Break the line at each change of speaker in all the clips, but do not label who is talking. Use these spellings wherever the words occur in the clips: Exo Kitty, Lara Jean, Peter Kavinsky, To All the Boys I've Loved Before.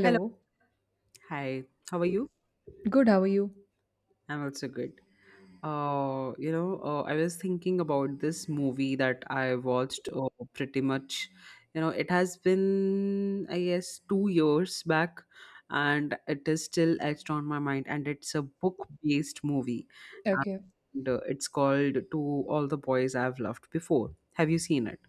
Hello. Hi. How are you?
Good, how are you?
I'm also good. I was thinking about this movie that I watched pretty much. It has been, I guess, 2 years back and it is still etched on my mind. And it's a book based movie,
Okay.
and it's called To All the Boys I've Loved Before. Have you seen it?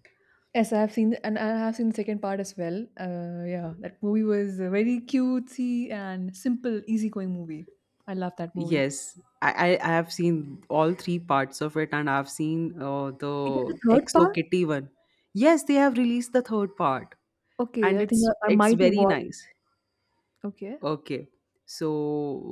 Yes, I have seen the, and I have seen the second part as well. Yeah, that movie was a very cutesy and simple, easygoing movie. I love that movie.
Yes, I have seen all three parts of it, and I've seen
It has a
the
third
Exo
part?
Kitty one. Yes, they have released the third part,
Okay,
and
I think
it's
I
it's
might have
very
watched.
nice.
Okay.
Okay. So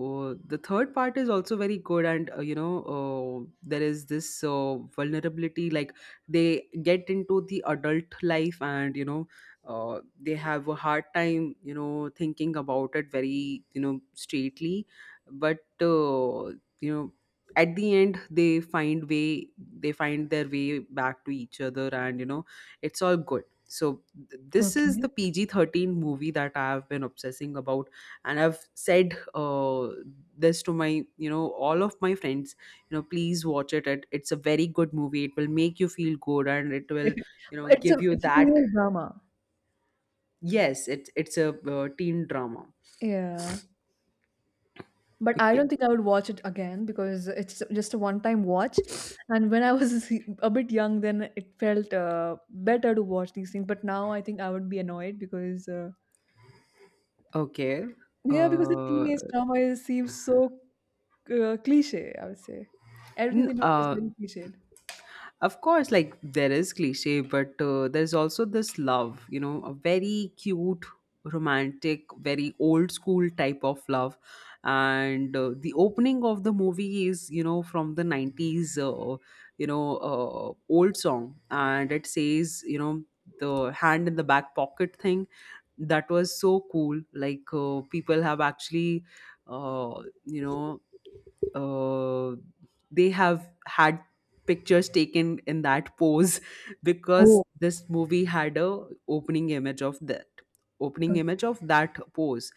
the third part is also very good, and there is this vulnerability like they get into the adult life, and they have a hard time, thinking about it very, straightly. But uh, you know, at the end, they find their way back to each other, and it's all good. So this is the
Okay.
PG-13 movie that I have been obsessing about, and I've said this to my, all of my friends, you know, please watch it. It's a very good movie. It will make you feel good, and it will, you know,
It's a
give you
it's a
that.
female drama.
Yes, it's a teen drama.
Yeah. But I don't
Okay.
think I would watch it again because it's just a one-time watch. And when I was a bit young, then it felt better to watch these things. But now I think I would be annoyed because.
Okay.
Yeah, because the
uh,
teenage drama is, seems so cliche, I would say. Everything
n-
they do is
uh
very cliched.
Of course, like there is cliche, but there's also this love, you know, a very cute, romantic, very old school type of love. And the opening of the movie is, you know, from the 90s, old song. And it says, you know, the hand in the back pocket thing. That was so cool. Like, people have actually, uh, you know, uh, they have had pictures taken in that pose because
Oh,
this movie had a opening image of that opening image of that pose.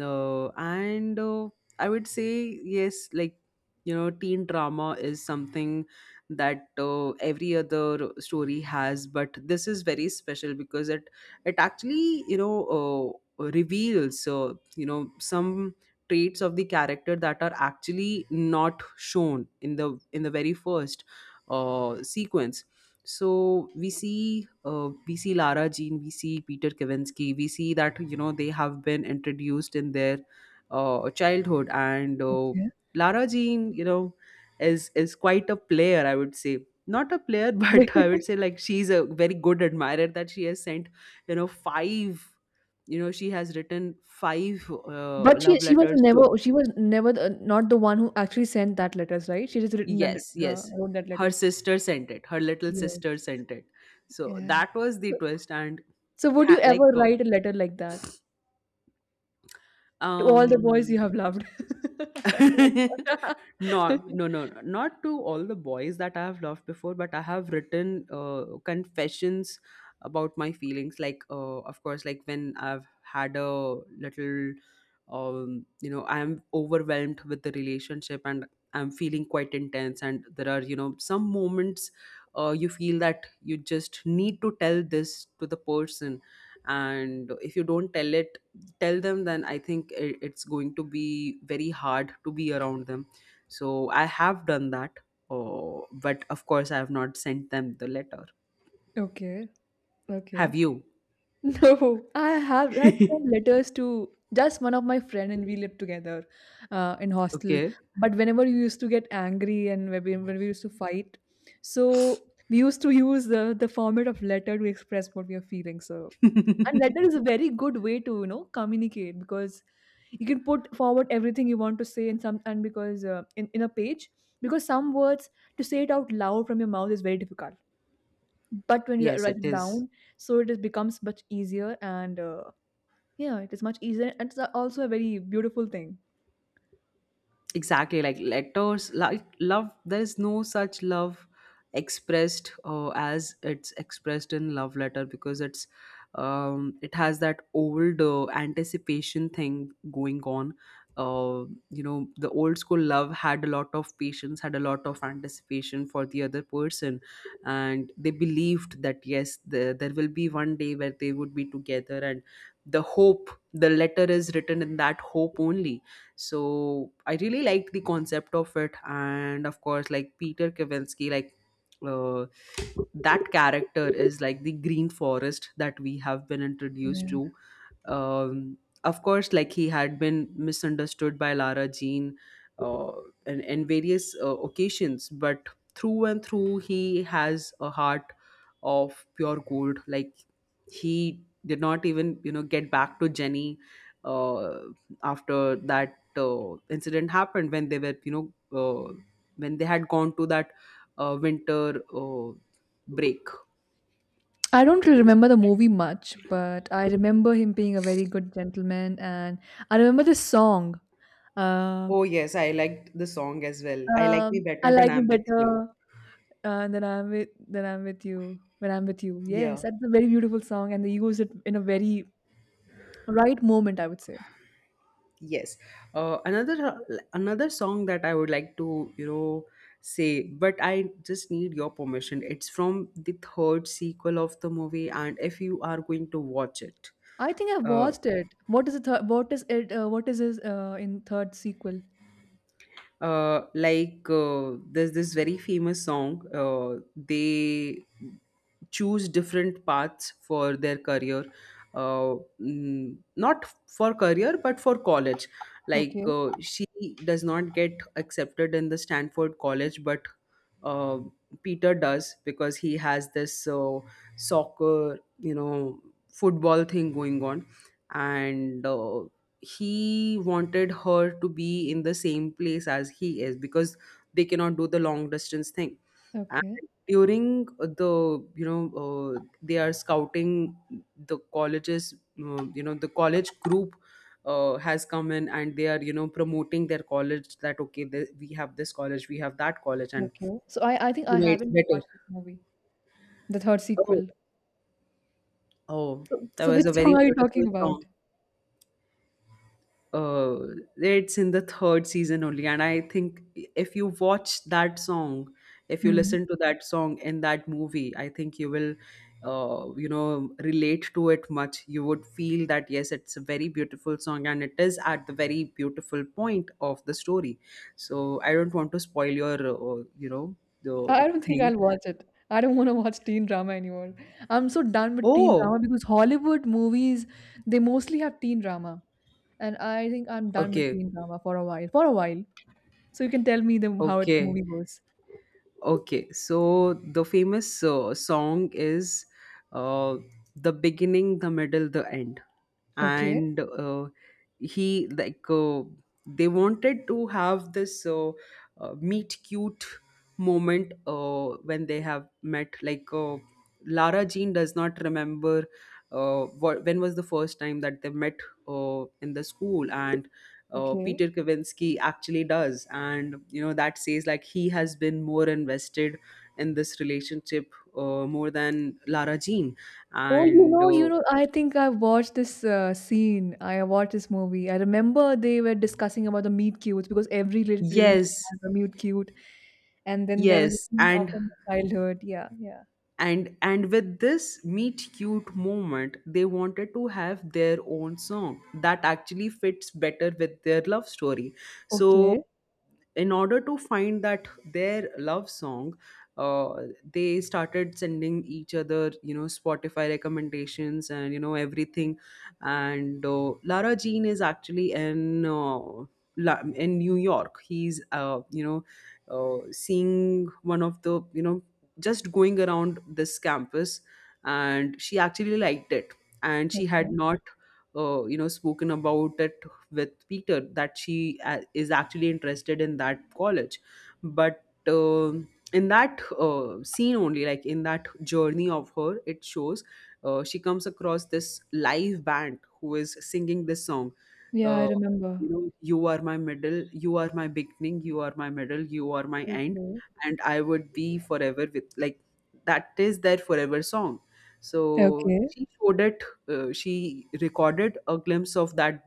And I would say yes, like, you know, teen drama is something that every other story has, but this is very special because it actually, you know, reveals, you know, some traits of the character that are actually not shown in the very first sequence. So we see Lara Jean, we see Peter Kavinsky. We see that, you know, they have been introduced in their childhood. And
okay.
Lara Jean, you know, is quite a player, I would say. Not a player, but I would say, like, she's a very good admirer, that she has sent, you know, five, you know, she has written five
But
love letters to.
she was never the, not the one who actually sent that letters, right? She just written
Yes, yes,
wrote that
her
letters.
sister sent it, her little sister
Yes.
sent it. So
Yeah.
that was the
So,
twist. And
so would you
tha- like
ever
uh,
write a letter like that to all the boys you
um
have loved? Oh my God.
no, no, no, no. Not to all the boys that I have loved before, but I have written confessions about my feelings. Like, of course, like when I've had a little. I'm overwhelmed with the relationship and I'm feeling quite intense. And there are, you know, some moments you feel that you just need to tell this to the person. And if you don't tell them, then it's going to be very hard to be around them. So I have done that. Oh, but of course I have not sent them the letter.
Okay, okay.
Have you?
No, I have had some letters to just one of my friend and we lived together in hostel.
Okay.
But whenever you used to get angry and when when we used to fight, so we used to use the format of letter to express what we are feeling. So and letter is a very good way to you know communicate because you can put forward everything you want to say in some and because in a page because some words to say it out loud from your mouth is very difficult but when you
Yes,
write
it
it
is.
down so it is becomes much easier and. Yeah, it is much easier and also a very beautiful thing.
Exactly, like letters, like love, there is no such love expressed as it's expressed in love letter, because it's, it has that old anticipation thing going on. You know, the old school love had a lot of patience, had a lot of anticipation for the other person, and they believed that yes, the, there will be one day where they would be together, and the hope, the letter is written in that hope only. So I really liked the concept of it. And of course, like Peter Kavinsky, like, uh, that character is like the green forest that we have been introduced
Yeah.
to. um, of course, like he had been misunderstood by Lara Jean uh, in various occasions, but through and through, he has a heart of pure gold. Like, he did not even, you know, get back to Jenny uh, after that incident happened, when they were, you know, when they had gone to that winter break.
I don't really remember the movie much, but I remember him being a very good gentleman, and I remember the song. Uh,
Oh yes, I liked the song as well. I like me
I
better when
like me
I'm with you.
better uh, than I'm with than I'm with you when I'm with you. Yes,
Yeah.
that's a very beautiful song, and they use it in a very right moment. I would say.
Yes. uh, another Another song that I would like to, you know, say, but I just need your permission. It's from the third sequel of the movie, and if you are going to watch it,
I think I
uh,
watched it. What is the third? What is it? What is his in third sequel?
there's this very famous song. They choose different paths for their career. Not for career, but for college. Like,
Okay,
she does not get accepted in the Stanford college, but uh, Peter does, because he has this soccer, you know, football thing going on. And he wanted her to be in the same place as he is, because they cannot do the long distance thing.
okay,
And during the, you know, they are scouting the colleges, you know, the college group has come in and they are, you know, promoting their college, that okay, we have this college, we have that college, and
okay. So I think
you
I
know, it's
haven't
better.
watched this movie, the third
Oh.
sequel.
Oh.
So
That
so
was
which
a very
song are you
beautiful
talking about?
song. uh it's in the third season only, and I think if you watch that song, if you
Hmm.
listen to that song in that movie, I think you will, you know, relate to it much. You would feel that yes, it's a very beautiful song, and it is at the very beautiful point of the story. So I don't want to spoil your, you know, the
I don't think
thing.
I'll watch it. I don't want to watch teen drama anymore. I'm so done with teen drama
Oh.
because Hollywood movies, they mostly have teen drama. And I think I'm done with
Okay.
teen drama for a while. For a while. So you can tell me the how it, the
Okay.
movie goes.
Okay, so the famous song is uh, the beginning, the middle, the end.
Okay,
And he like they wanted to have this meet cute moment when they have met. Like, Lara Jean does not remember what, when was the first time that they met in the school. And
okay.
Peter Kavinsky actually does. And you know, that says, like, he has been more invested in this relationship more than Lara Jean.
Oh,
And
you know, I think I've watched this scene. I watched this movie. I remember they were discussing about the meet cutes because every relationship
yes,
has a meet cute. And then there was a
yes.
scene of from my childhood. Yeah, yeah.
And with this meet cute moment, they wanted to have their own song that actually fits better with their love story. So,
Okay,
in order to find that their love song, uh, they started sending each other, you know, Spotify recommendations, and you know, everything. And Lara Jean is actually in, in New York. He's, you know, seeing one of the, you know, just going around this campus, and she actually liked it. And she had
okay.
not, you know, spoken about it with Peter, that she is actually interested in that college. But in that scene only, like in that journey of her, it shows she comes across this live band who is singing this song.
Yeah, I
Uh,
remember.
you know, you are my middle, you are my beginning, you are my middle, you are my end,
Okay,
and I would be forever with, like, that is their forever song. So
okay.
she showed it, she recorded a glimpse of that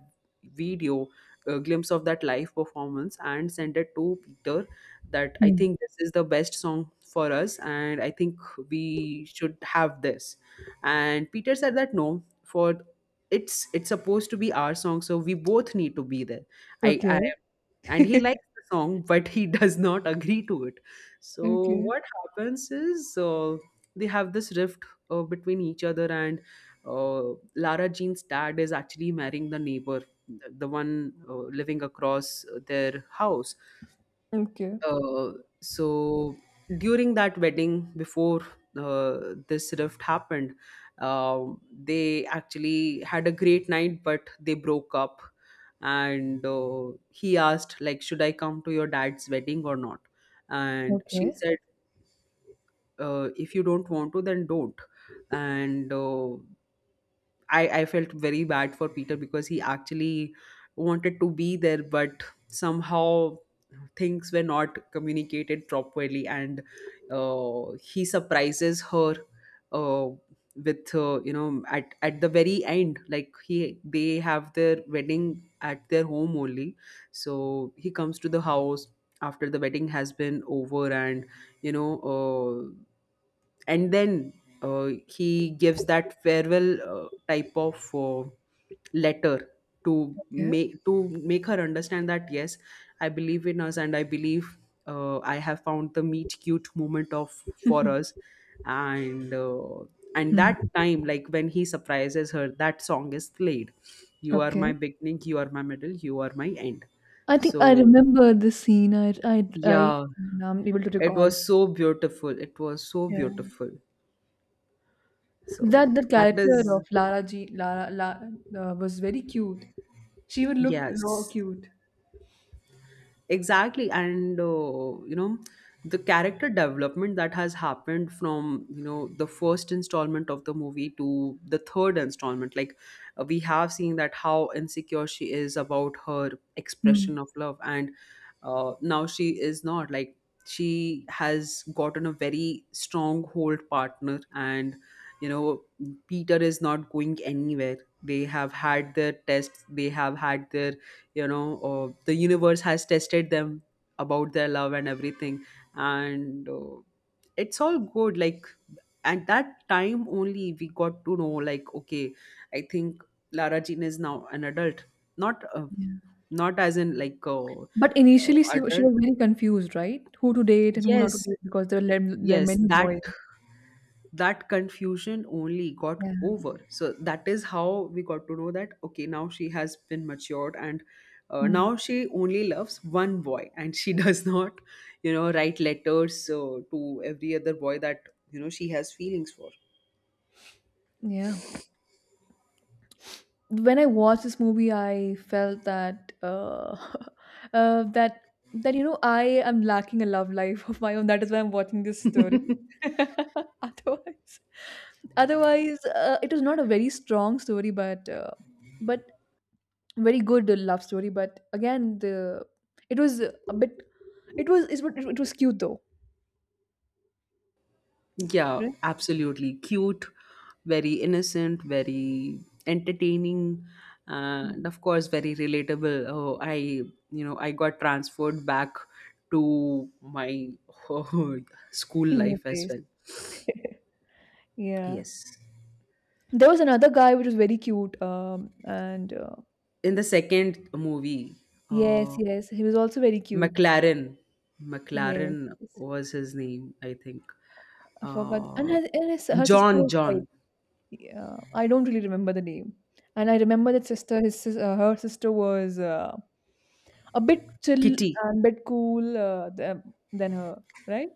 video, a glimpse of that live performance, and sent it to Peter, that I
Hmm.
think this is the best song for us, and I think we should have this. And Peter said that, no, for it's supposed to be our song, so we both need to be there. I
Okay.
And he likes the song, but he does not agree to it. So
Okay.
what happens is, they have this rift between each other. And Lara Jean's dad is actually marrying the neighbor, the one living across their house.
Okay.
uh, so during that wedding, before uh, this rift happened, uh, they actually had a great night, but they broke up. And he asked, like, should I come to your dad's wedding or not? And she
Okay.
said, if you don't want to, then don't. And uh, I felt very bad for Peter, because he actually wanted to be there, but somehow things were not communicated properly. And he surprises her uh, with, you know, at the very end, like, he, they have their wedding at their home only. So he comes to the house after the wedding has been over, and you know, and then he gives that farewell type of letter to
Yeah.
make her understand that yes, I believe in us, and I believe, I have found the meet cute moment of for us. And
Hmm.
that time, like when he surprises her, that song is played. You are my
Okay.
beginning, you are my middle, you are my end.
I think I
So
remember this scene. I
yeah,
now I'm able to
it
recall.
was so beautiful, it was so
Yeah.
beautiful. So
That the
that
character
is.
of Lara La was very cute. She would look raw
Yes,
cute.
exactly. And you know, the character development that has happened from, you know, the first installment of the movie to the third installment, like, we have seen that how insecure she is about her expression
Mm,
of love. And now she is not like, she has gotten a very stronghold partner, and you know, Peter is not going anywhere. They have had their tests, they have had their, you know, the universe has tested them about their love and everything. And it's all good, like. At that time only we got to know, like, okay, I think Lara Jean is now an adult. Not
yeah.
not as in like
But initially she
adult.
was very confused, right? Who to date and who not to
Yes,
date because there are
yes,
many
that
boys.
that confusion only got
Yeah.
over. So that is how we got to know that okay, now she has been matured. And
Mm.
now she only loves one boy, and she does not, you know, write letters to every other boy that, you know, she has feelings for.
Yeah. When I watched this movie, I felt that uh, that that you know I am lacking a love life of my own. That is why I'm watching this story. otherwise, otherwise, it was not a very strong story, but very good love story. But again, the it was a bit. It was it was cute though.
Yeah,
Right?
absolutely. Cute, very innocent, very entertaining,
Yeah.
and of course, very relatable. Oh, I, you know, I got transferred back to my school
Teenage
life as
days.
well.
Yeah.
Yes.
There was another guy which was very cute, and
In the second movie,
Yes,
uh,
yes. He was also very cute.
McLaren,
Yes,
McLaren
yes.
was his name, I think.
I forgot. And
Uh,
her sister
John,
was quite.
John.
Yeah, I don't really remember the name. And I remember that
Okay.
sister. Her sister was a bit chill
Kitty.
and bit cool than her, right?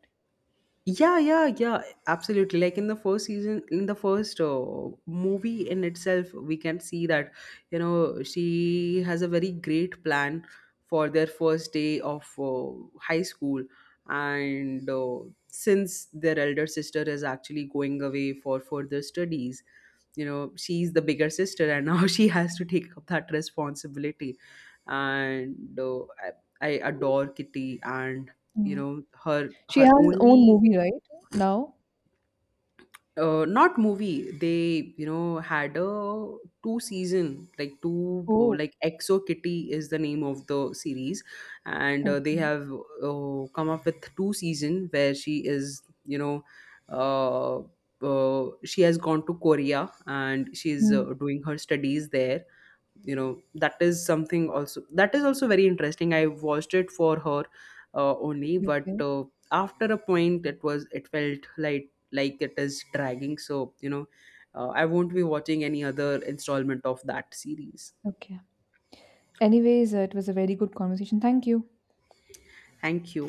Yeah, yeah, yeah. Absolutely. Like in the first season, in the first movie in itself, we can see that you know, she has a very great plan for their first day of high school. And since their elder sister is actually going away for further studies, you know, she's the bigger sister, and now she has to take up that responsibility. And I adore Kitty. And you
Yeah.
know, her,
She
her
has her own
only.
movie, right? Now.
Not movie, they, you know, had a two season, like two, oh,
Oh,
like Exo Kitty is the name of the series. And they
okay.
have come up with two season, where she is, you know, uh, she has gone to Korea, and she's
Hmm.
doing her studies there. You know, that is something, also that is also very interesting. I watched it for her only, but
Okay.
after a point, it was, it felt like it is dragging. So you know, I won't be watching any other installment of that series.
Okay. Anyways, it was a very good conversation. Thank you.
Thank you.